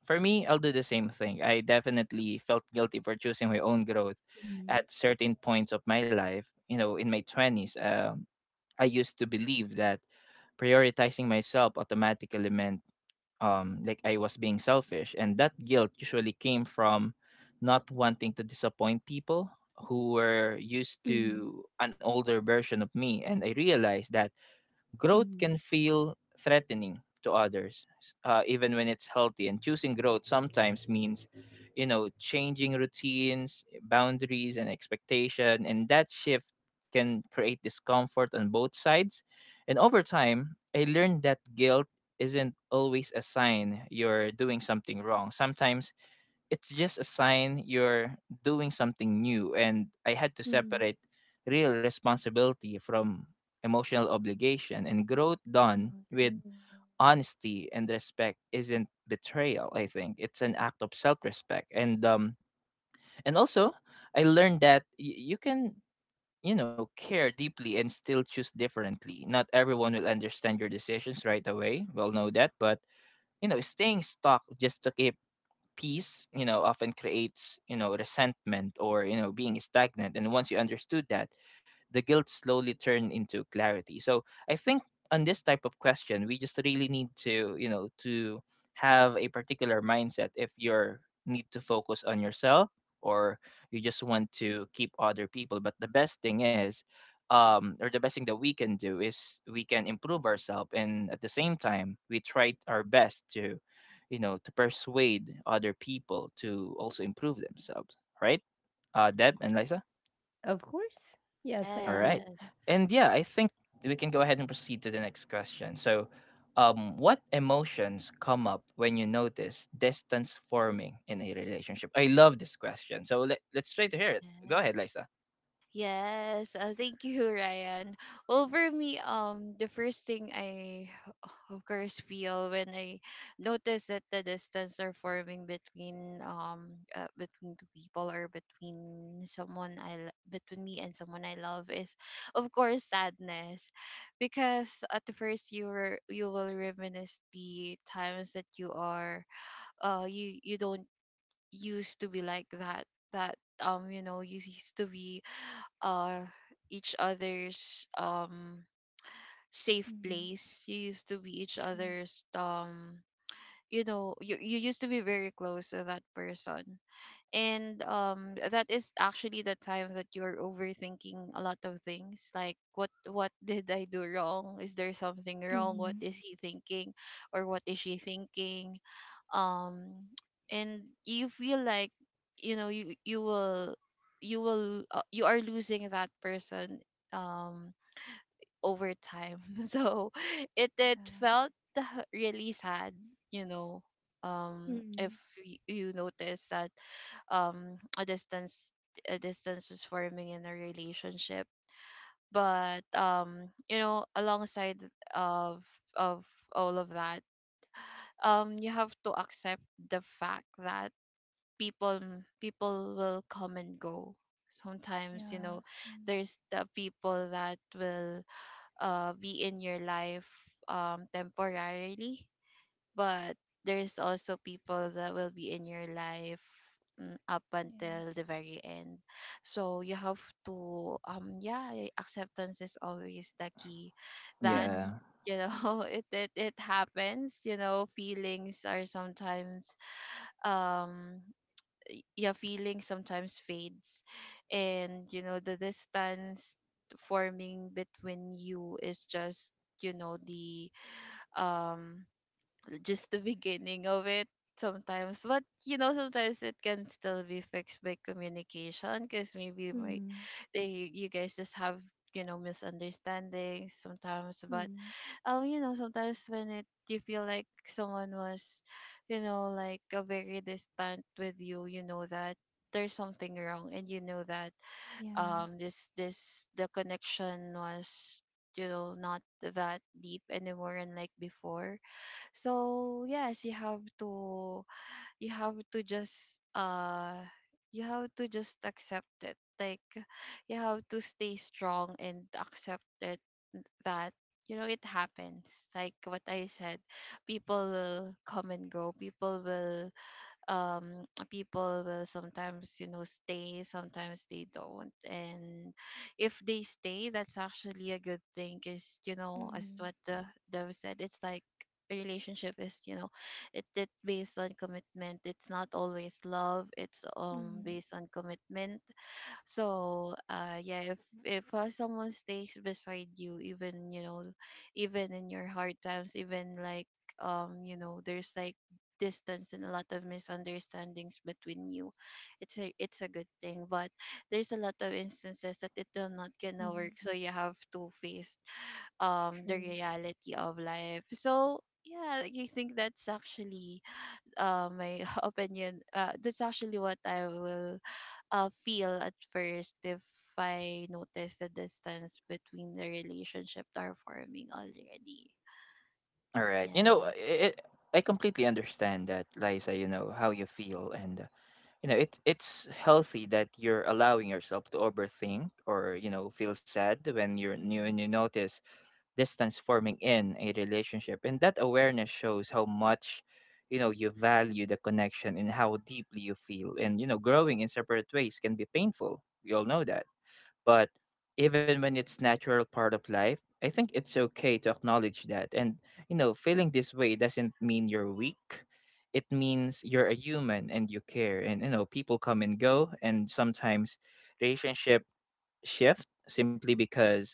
S1: for me, I'll do the same thing. I definitely felt guilty for choosing my own growth
S3: mm,
S1: at certain points of my life. You know, in my twenties, um, I used to believe that prioritizing myself automatically meant, like I was being selfish. And that guilt usually came from not wanting to disappoint people who were used
S3: mm,
S1: to an older version of me. And I realized that growth
S3: mm,
S1: can feel threatening to others, even when it's healthy. And choosing growth sometimes means, you know, changing routines, boundaries, and expectation. And that shift can create discomfort on both sides. And over time, I learned that guilt isn't always a sign you're doing something wrong. Sometimes it's just a sign you're doing something new. And I had to
S3: mm.
S1: separate real responsibility from emotional obligation, and growth done
S3: No,
S1: with
S3: true.
S1: honesty and respect isn't betrayal. I think it's an act of self-respect. And um, and also, I learned that you can, you know, care deeply and still choose differently. Not everyone will understand your decisions right away, we'll know that, but you know, staying stuck just to keep peace, you know, often creates, you know, resentment, or, you know, being stagnant. And once you understood that, the guilt slowly turned into clarity. So I think on this type of question, we just really need to, you know, to have a particular mindset, if you're need to focus on yourself, or you just want to keep other people. But the best thing is, um, or the best thing that we can do is we can improve ourselves, and at the same time we tried our best to, you know, to persuade other people to also improve themselves, right, Deb and Lisa?
S3: Of course. Yes, I
S1: All right.
S3: agree.
S2: Yes.
S1: And yeah, I think we can go ahead and proceed to the next question. So um, what emotions come up when you notice distance forming in a relationship? I love this question. So let's try to hear it. Go ahead,
S2: Yes.
S1: Lisa.
S2: Yes, thank you, Ryan. Well, for me, the first thing I, of course, feel when I notice that the distance are forming between between two people, or between someone I between me and someone I love, is, of course, sadness, because at the first you will reminisce the times that you don't used to be like that. That, you know, you used to be, uh each other's, safe
S3: mm,
S2: place. You used to be each
S3: true.
S2: other's, you used to be very close to that person. And, that is actually the time that you're overthinking a lot of things, like, what did I do wrong? Is there something
S3: mm,
S2: wrong? What is he thinking? Or what is she thinking? um and you feel like, you know, you are losing that person um over time. So it
S3: yeah.
S2: felt really sad, you know if
S3: Mm.
S2: you notice that um a distance a distance was forming in a relationship. But, you know, alongside of of all of that, you have to accept the fact that people will come and go sometimes, you know.
S3: Yeah. Mm.
S2: There's the people that will, be in your life, temporarily, but there's also people that will be in your life, up until the
S3: Yes.
S2: very end. So you have to, yeah, acceptance is always the key, that,
S1: Yeah.
S3: Mm.
S2: you know, it happens. You know, um yeah feeling sometimes fades, and, you know, the distance forming between you is just, you know, the um just the beginning of it sometimes. But, you know, sometimes it can still be fixed by communication, because maybe, like,
S3: Mm.
S2: they you guys just have, you know, misunderstandings sometimes. But
S3: Mm.
S2: you know, sometimes when it you feel like someone was, you know, like, a very distant with you, you know that there's something wrong, and you know that
S3: Yeah.
S2: this this the connection was, you know, not that deep anymore, and like before. So yes, you have to, you have to just uh you have to just accept it, like, you have to stay strong and accept it, that, you know, it happens, like what I said, people will come and go, people will, sometimes, you know, stay, sometimes they don't. And if they stay, that's actually a good thing, because, you know, as what
S3: Mm.
S2: the Dev said, it's like a relationship is, you know, it based on commitment. It's not always love, it's,
S3: Mm.
S2: based on commitment. So, yeah, if, someone stays beside you, even, you know, even in your hard times, even, like, you know, there's, like, distance and a lot of misunderstandings between you, it's a good thing. But there's a lot of instances that it will not gonna work,
S3: Mm.
S2: so you have to face the
S3: True.
S2: reality of life. So yeah, I think that's actually, my opinion. That's actually what I will, feel at first if I notice the distance between the relationship that are forming already.
S1: All right. You know,
S2: Yeah.
S1: it, I completely understand that, Lisa, you know how you feel. And you know, it it's healthy that you're allowing yourself to overthink, or you know, feel sad when you're new and
S3: Mm.
S1: you notice distance forming in a relationship. And that awareness shows how much, you know, you value the connection and how deeply you feel. And you know, growing in separate ways can be painful, we all know that. But even when it's natural part of life, I think it's okay to acknowledge that. And you know, feeling this way doesn't mean you're weak. It means you're a human and you care. And you know, people come and go, and sometimes relationship shift simply because,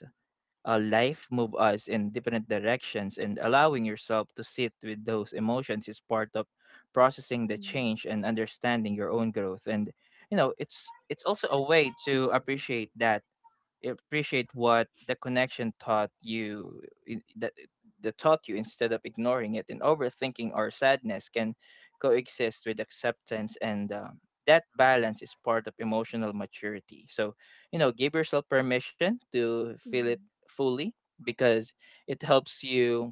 S1: life move us in different directions. And allowing yourself to sit with those emotions is part of processing the
S3: Mm.
S1: change and understanding your own growth. And you know, it's also a way to appreciate that, appreciate what the connection taught you in- that that taught you instead of ignoring it. And overthinking or sadness can coexist with acceptance, and that balance is part of emotional maturity. So you know, give yourself permission to feel it
S3: Mm.
S1: fully, because it helps you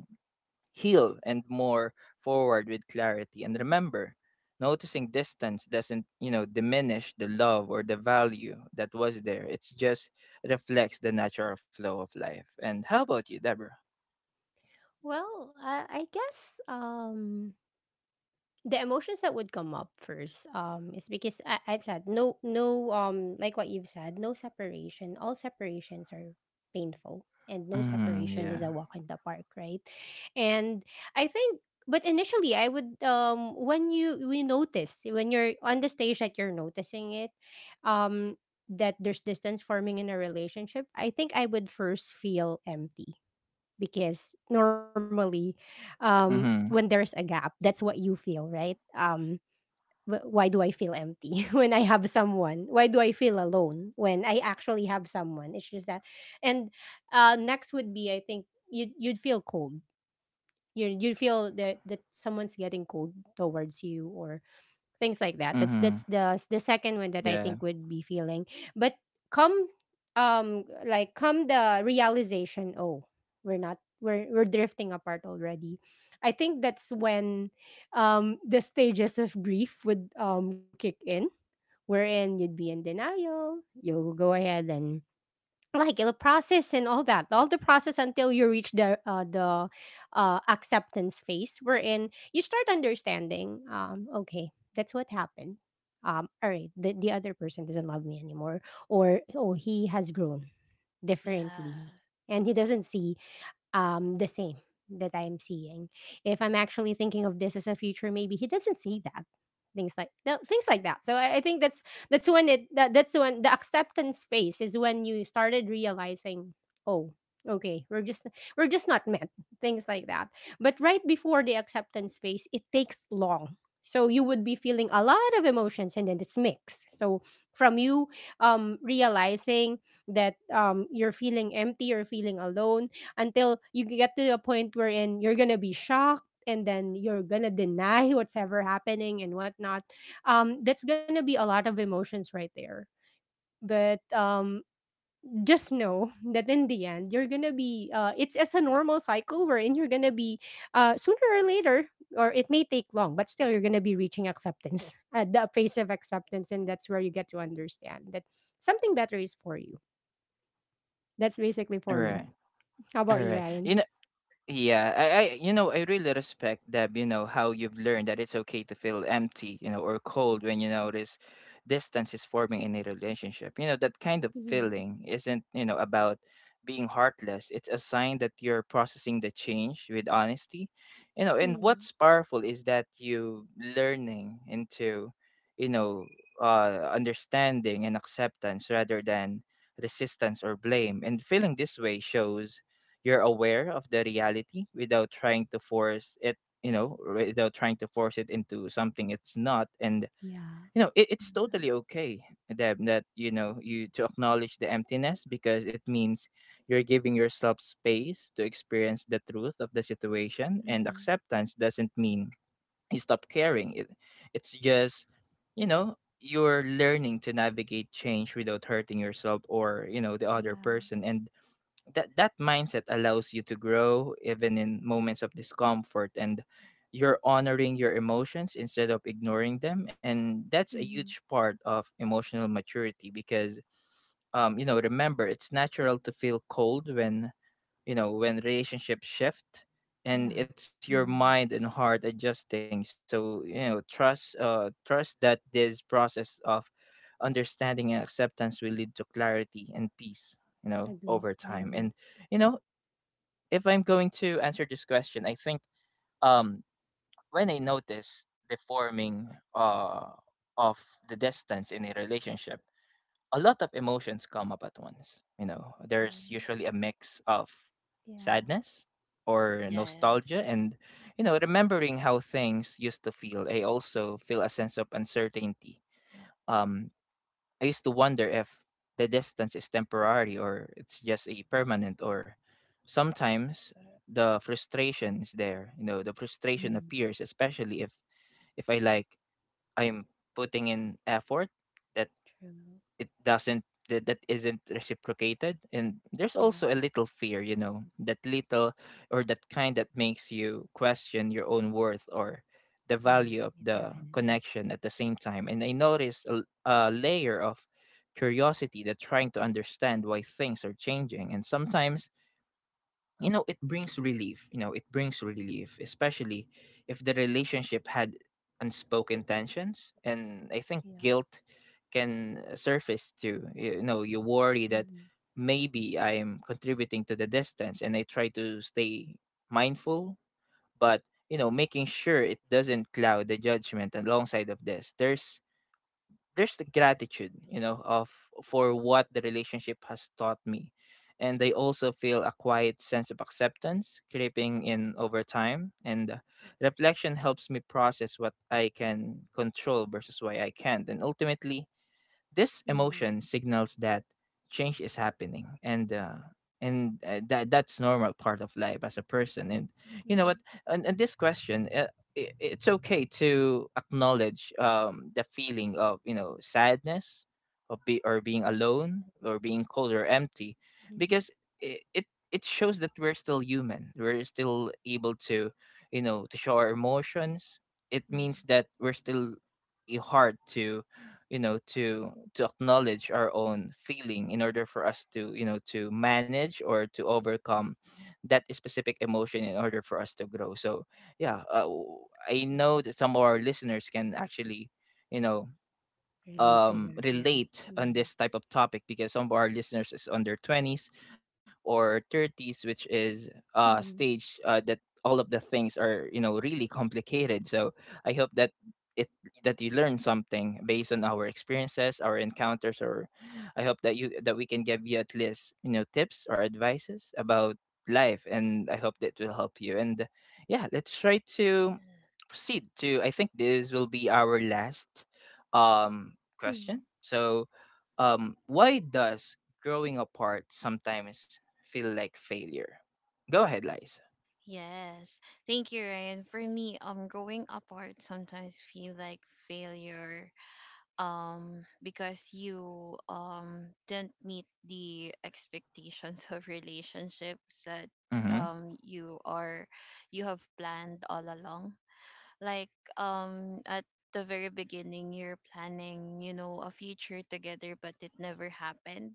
S1: heal and more forward with clarity. And remember, noticing distance doesn't, you know, diminish the love or the value that was there. It's just reflects the natural flow of life. And how about you, Deborah?
S3: Well, I guess the emotions that would come up first is because I've said no, like what you've said, no separation, all separations are painful, and no
S1: Mm, yeah.
S3: separation is a walk in the park, right? And I think, but initially I would, when you we notice, when you're on the stage that you're noticing it, um that there's distance forming in a relationship, I think I would first feel empty, because normally when
S1: Mm-hmm,
S3: there's a gap, that's what you feel, right? Wh- why do I feel empty when I have someone? Why do I feel alone when I actually have someone? It's just that. And next would be, I think you'd you'd feel cold, you you'd feel that that someone's getting cold towards you, or
S1: mm-hmm,
S3: things like that. That's the
S1: yeah.
S3: second one that I think would be feeling. But come, like, come the realization, oh, we're not, we're drifting apart already. I think that's when the stages of grief would kick in, wherein you'd be in denial, you'll go ahead and like the process and all that, all the process until you reach the acceptance phase, wherein you start understanding, okay, that's what happened. All right, the other person doesn't love me anymore, or oh, he has grown differently
S2: Yeah.
S3: and he doesn't see the same that I'm seeing. If I'm actually thinking of this as a future, maybe he doesn't see that. Things things like that. So I think that's when it, that, that's when the acceptance phase is, when you started realizing, oh, okay, we're just, we're just not meant. Things like that. But right before the acceptance phase, it takes long. So you would be feeling a lot of emotions, and then it's mixed. So from you realizing that you're feeling empty, you're feeling alone, until you get to a point wherein you're gonna be shocked, and then you're gonna deny what's ever happening and whatnot. That's gonna be a lot of emotions right there. But just know that in the end, you're gonna be. It's as a normal cycle wherein you're gonna be sooner or later, or it may take long, but still you're gonna be reaching acceptance, the phase of acceptance, and that's where you get to understand that something better is for you. That's basically
S1: All
S3: for me.
S1: right.
S3: How
S1: All
S3: about you,
S1: right.
S3: Ryan?
S1: You know, yeah, I, you know, I really respect, Deb, you know, how you've learned that it's okay to feel empty, you know, or cold when you notice distance is forming in a relationship. You know, that kind of feeling isn't, you know, about being heartless. It's a sign that you're processing the change with honesty. You know, and
S3: Mhm.
S1: what's powerful is that you learning into, you know, understanding and acceptance rather than resistance or blame. And feeling this way shows you're aware of the reality without trying to force it, you know, without trying to force it into something it's not. And
S3: Yeah.
S1: you know, it, it's
S2: Mhm.
S1: totally okay, Deb, that, you know, you to acknowledge the emptiness, because it means you're giving yourself space to experience the truth of the situation. And
S3: Mm.
S1: acceptance doesn't mean you stop caring. It it's just, you know, you're learning to navigate change without hurting yourself or, you know, the other
S3: Yeah.
S1: person. And that that mindset allows you to grow even in moments of discomfort. And you're honoring your emotions instead of ignoring them, and that's a
S3: Mhm.
S1: huge part of emotional maturity. Because um, you know, remember, it's natural to feel cold when, you know, when relationships shift, and
S3: Yeah.
S1: it's your
S3: Mhm.
S1: mind and heart adjusting. So you know, trust, trust that this process of understanding and acceptance will lead to clarity and peace, you know,
S3: Agree.
S1: over
S3: I
S1: time. And
S3: agree.
S1: you know, if I'm going to answer this question, I think, um, when I noticed the forming uh of the distance in a relationship, a lot of emotions come up at once. You know, there's usually
S2: Mhm.
S1: a mix of
S3: Yeah.
S1: sadness or
S2: Yes.
S1: nostalgia, and, you know, remembering how things used to feel. I also feel a sense of uncertainty. Um, I used to wonder if the distance is temporary or it's just a permanent, or sometimes the frustration is there. You know, the frustration
S3: Mhm.
S1: appears, especially if I, like, I'm putting in effort that
S3: True.
S1: it doesn't that isn't reciprocated. And there's
S3: Yeah.
S1: also a little fear, you know, that little or that kind that makes you question your own worth or the
S3: Yeah.
S1: value of
S3: Yeah,
S1: the
S3: definitely.
S1: connection. At the same time, and I noticed a, a layer of curiosity, that trying to understand why things are changing. And sometimes, you know, it brings relief, especially if the relationship had unspoken tensions. And I think
S3: Yeah.
S1: guilt can surface too. You know, you worry that
S3: Mhm.
S1: maybe I'm contributing to the distance, and I try to stay mindful. But, you know, making sure it doesn't cloud the judgment. Alongside of this, there's the gratitude, you know, of, for what the relationship has taught me. And I also feel a quiet sense of acceptance creeping in over time. And reflection helps me process what I can control versus what I can't. And ultimately, this
S3: Mhm.
S1: emotion signals that change is happening. And that that's normal part of life as a person. And you know what?
S3: Mhm.
S1: And this question, I it's okay to acknowledge, the feeling of, you know, sadness, of be, or being alone, or being cold or empty, because
S3: Mhm.
S1: it it shows that we're still human. We're still able to, you know, to show our emotions. It means
S3: Mhm.
S1: that we're still hard to, you know, to acknowledge our own feeling in order for us to, you know, to manage or to overcome that specific emotion in order for us to grow. So yeah, I
S3: Yes.
S1: know that some of our listeners can actually, you know,
S3: Relate to that.
S1: relate
S3: Yes.
S1: on this
S3: Mhm.
S1: type of topic because some of our listeners is on their 20s or 30s, which
S3: Mhm.
S1: is a stage, that all of the things are, you know, really complicated. So I hope that it that you learn something based on our experiences, our encounters. Or I hope that you, that we can give you at least, you know, tips or advices about life, and I hope that will help you. And yeah, let's try to proceed to, I think this will be our last um question.
S3: Mhm.
S1: So, why does growing apart sometimes feel like failure? Go ahead, Liza.
S2: Yes. Thank you, Ryan. For me, growing apart sometimes feel like failure, because you didn't meet the expectations of relationships that
S1: Mm-hmm.
S2: um you are you have planned all along, like, at the very beginning you're planning, you know, a future together, but it never happened.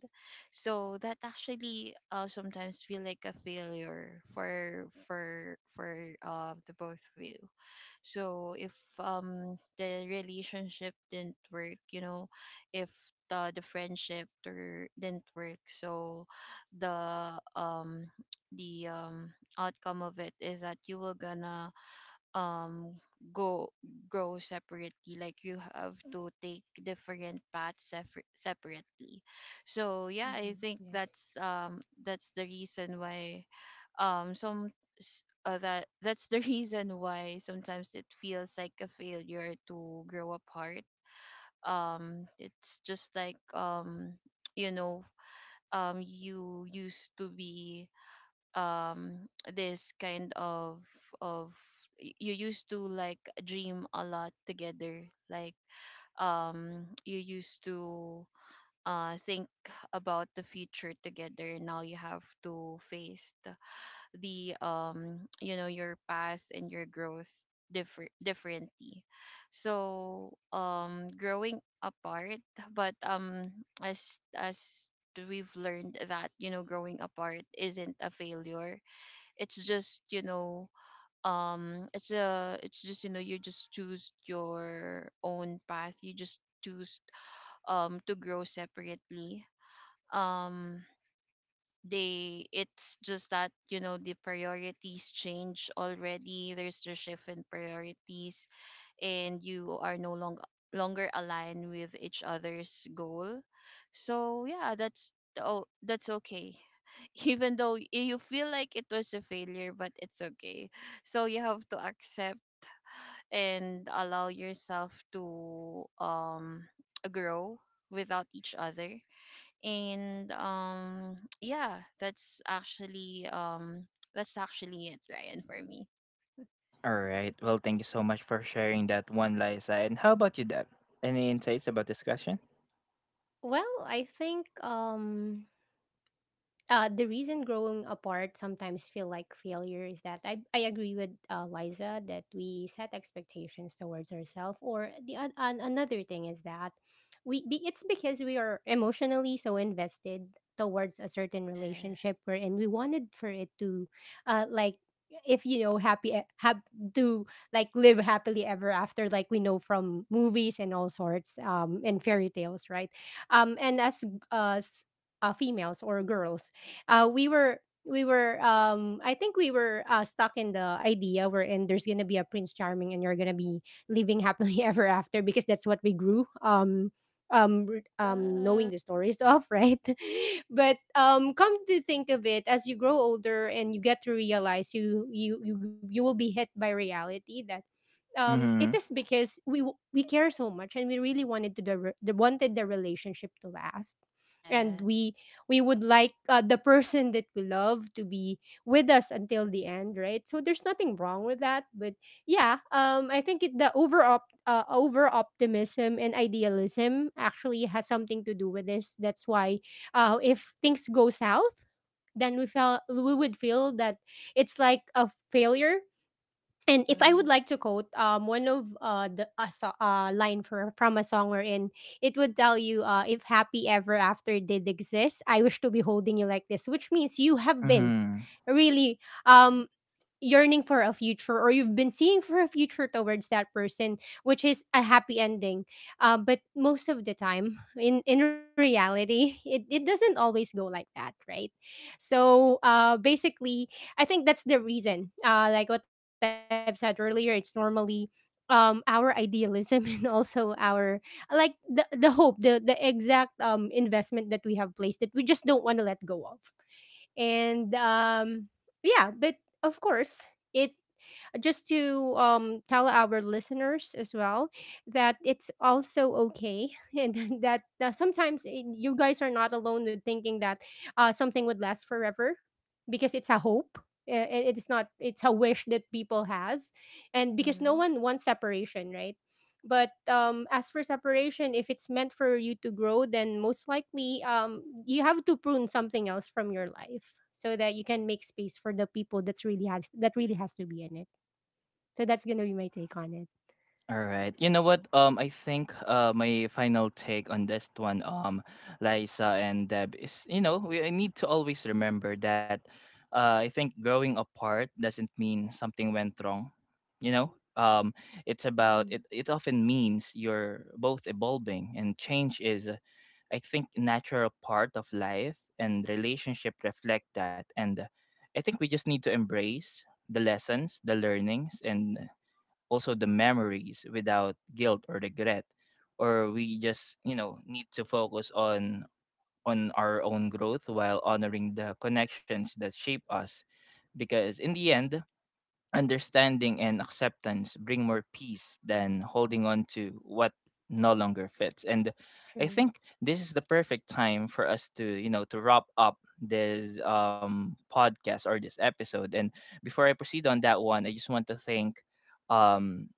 S2: So that actually, sometimes feel like a failure for the both of you. So if the relationship didn't work, you know, if the friendship or didn't work, so the the um outcome of it is that you will gonna, um go grow separately, like you have to take different paths, separately. So yeah, I
S3: Mhm.
S2: think
S3: Yes.
S2: that's, that's the reason why, some s- that that's the reason why sometimes it feels like a failure to grow apart. It's just like, you know, you used to be, um this kind of, of you used to, like, dream a lot together, like, you used to, think about the future together. Now you have to face the you know your path and your growth, differently. So, growing apart, but, as we've learned that, you know, growing apart isn't a failure. It's just, you know, it's just, you know, you just choose your own path, you just choose to grow separately. Um they It's just that, you know, the priorities change already, there's the shift in priorities, and you are no longer aligned with each other's goal. So yeah, that's okay. Even though you feel like it was a failure, but it's okay. So you have to accept and allow yourself to grow without each other. And, yeah, that's actually, that's actually it, Ryan, for me.
S1: All right. Well, thank you so much for sharing that one, Liza. And how about you, Deb? Any insights about this question?
S3: Well, I think the reason growing apart sometimes feel like failure is that I agree with Liza that we set expectations towards ourselves, or another thing is that it's because we are emotionally so invested towards a certain relationship
S2: Yes.
S3: where, and we wanted for it to like, if you know, happy have to, like, live happily ever after, like we know from movies and all sorts and fairy tales, right? And as uh, s- females or girls, uh, we were we were, I think we were, stuck in the idea wherein there's gonna be a prince charming and you're gonna be living happily ever after, because that's what we grew knowing
S2: Yes.
S3: the stories of, right? But come to think of it, as you grow older and you get to realize, you will be hit by reality that it
S1: Mm-hmm.
S3: is because we care so much and we really wanted to the, re- the wanted the relationship to last. And
S2: Yeah.
S3: we would like, the person that we love to be with us until the end, right? So there's nothing wrong with that. But yeah, I think it, the over optimism and idealism actually has something to do with this. That's why if things go south, then we felt we would feel that it's like a failure. And if I would
S2: Mhm.
S3: like to quote one of line for from a song we're in, it would tell you, if happy ever after did exist, I wish to be holding you like this, which means you have been
S1: Mm-hmm.
S3: really
S2: Yeah.
S3: um yearning for a future, or you've been seeing for a future towards that person, which is a happy ending. But most of the time in reality, it doesn't always go like that, right? So basically, I think that's the reason, like what I've said earlier, it's normally our idealism and also our, like, the hope, the exact investment that we have placed that we just don't want to let go of. And yeah, but of course, it, just to tell our listeners as well that it's also okay and that sometimes, you guys are not alone with thinking that something would last forever, because it's a hope. It's not, it's a wish that people has, and because no
S2: Mhm.
S3: one wants separation, right? But as for separation, if it's meant for you to grow, then most likely you have to prune something else from your life so that you can make space for the people that's really has, that really has to be in it. So that's gonna be my take on it.
S1: All right. You know what? I think my final take on this one, Liza and Deb, is, you know, we, I need to always remember that, I think growing apart doesn't mean something went wrong. You know, um, it's about
S3: Hmm.
S1: it. It often means you're both evolving, and change is, I think, natural part of life, and relationship reflect that. And I think we just need to embrace the lessons, the learnings, and also the memories without guilt or regret. Or we just, you know, need to focus on our own growth while honoring the connections that shape us, because in the end, understanding and acceptance bring more peace than holding on to what no longer fits. And I
S3: True.
S1: think this is the perfect time for us to, you know, to wrap up this podcast or this episode. And before I proceed on that one, I just want to thank um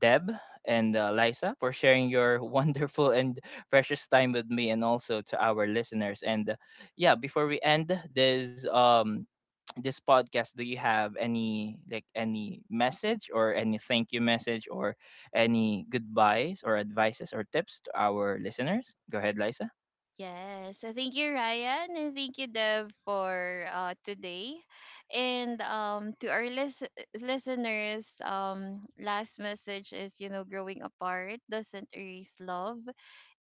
S1: Deb and Liza for sharing your wonderful and precious time with me, and also to our listeners. And yeah, before we end this this podcast, do you have any, like, any message or any thank you message or any goodbyes or advices or tips to our listeners? Go ahead, Liza.
S2: Yes. So thank you, Ryan, and thank you, Deb, for today. And, to our listeners, last message is, you know, growing apart doesn't erase love.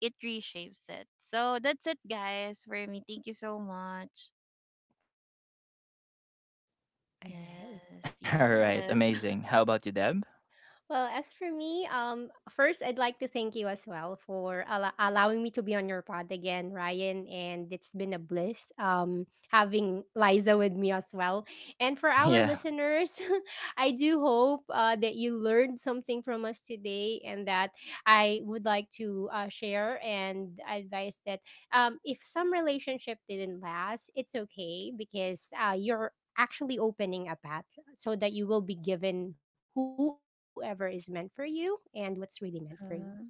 S2: It reshapes it. So that's it, guys, for me. Thank you so much.
S1: All right, amazing. How about you, Deb?
S3: All right.
S2: Yes, yes.
S1: All right.
S3: Well, as for me, first I'd like to thank you as well for allowing me to be on your pod again, Ryan. And it's been a bliss, having Liza with me as well. And for our
S1: Yeah.
S3: listeners, I do hope that you learned something from us today, and that I would like to share and advise that if some relationship didn't last, it's okay, because you're actually opening a path so that you will be given whoever is meant for you and what's really meant for you.
S2: Mm-hmm.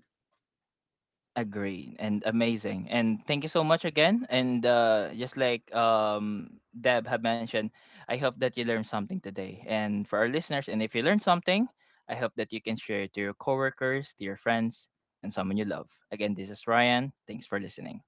S1: Agree and amazing. And thank you so much again. And just like Deb had mentioned, I hope that you learned something today. And for our listeners, and if you learned something, I hope that you can share it to your coworkers, to your friends, and someone you love. Again, this is Ryan. Thanks for listening.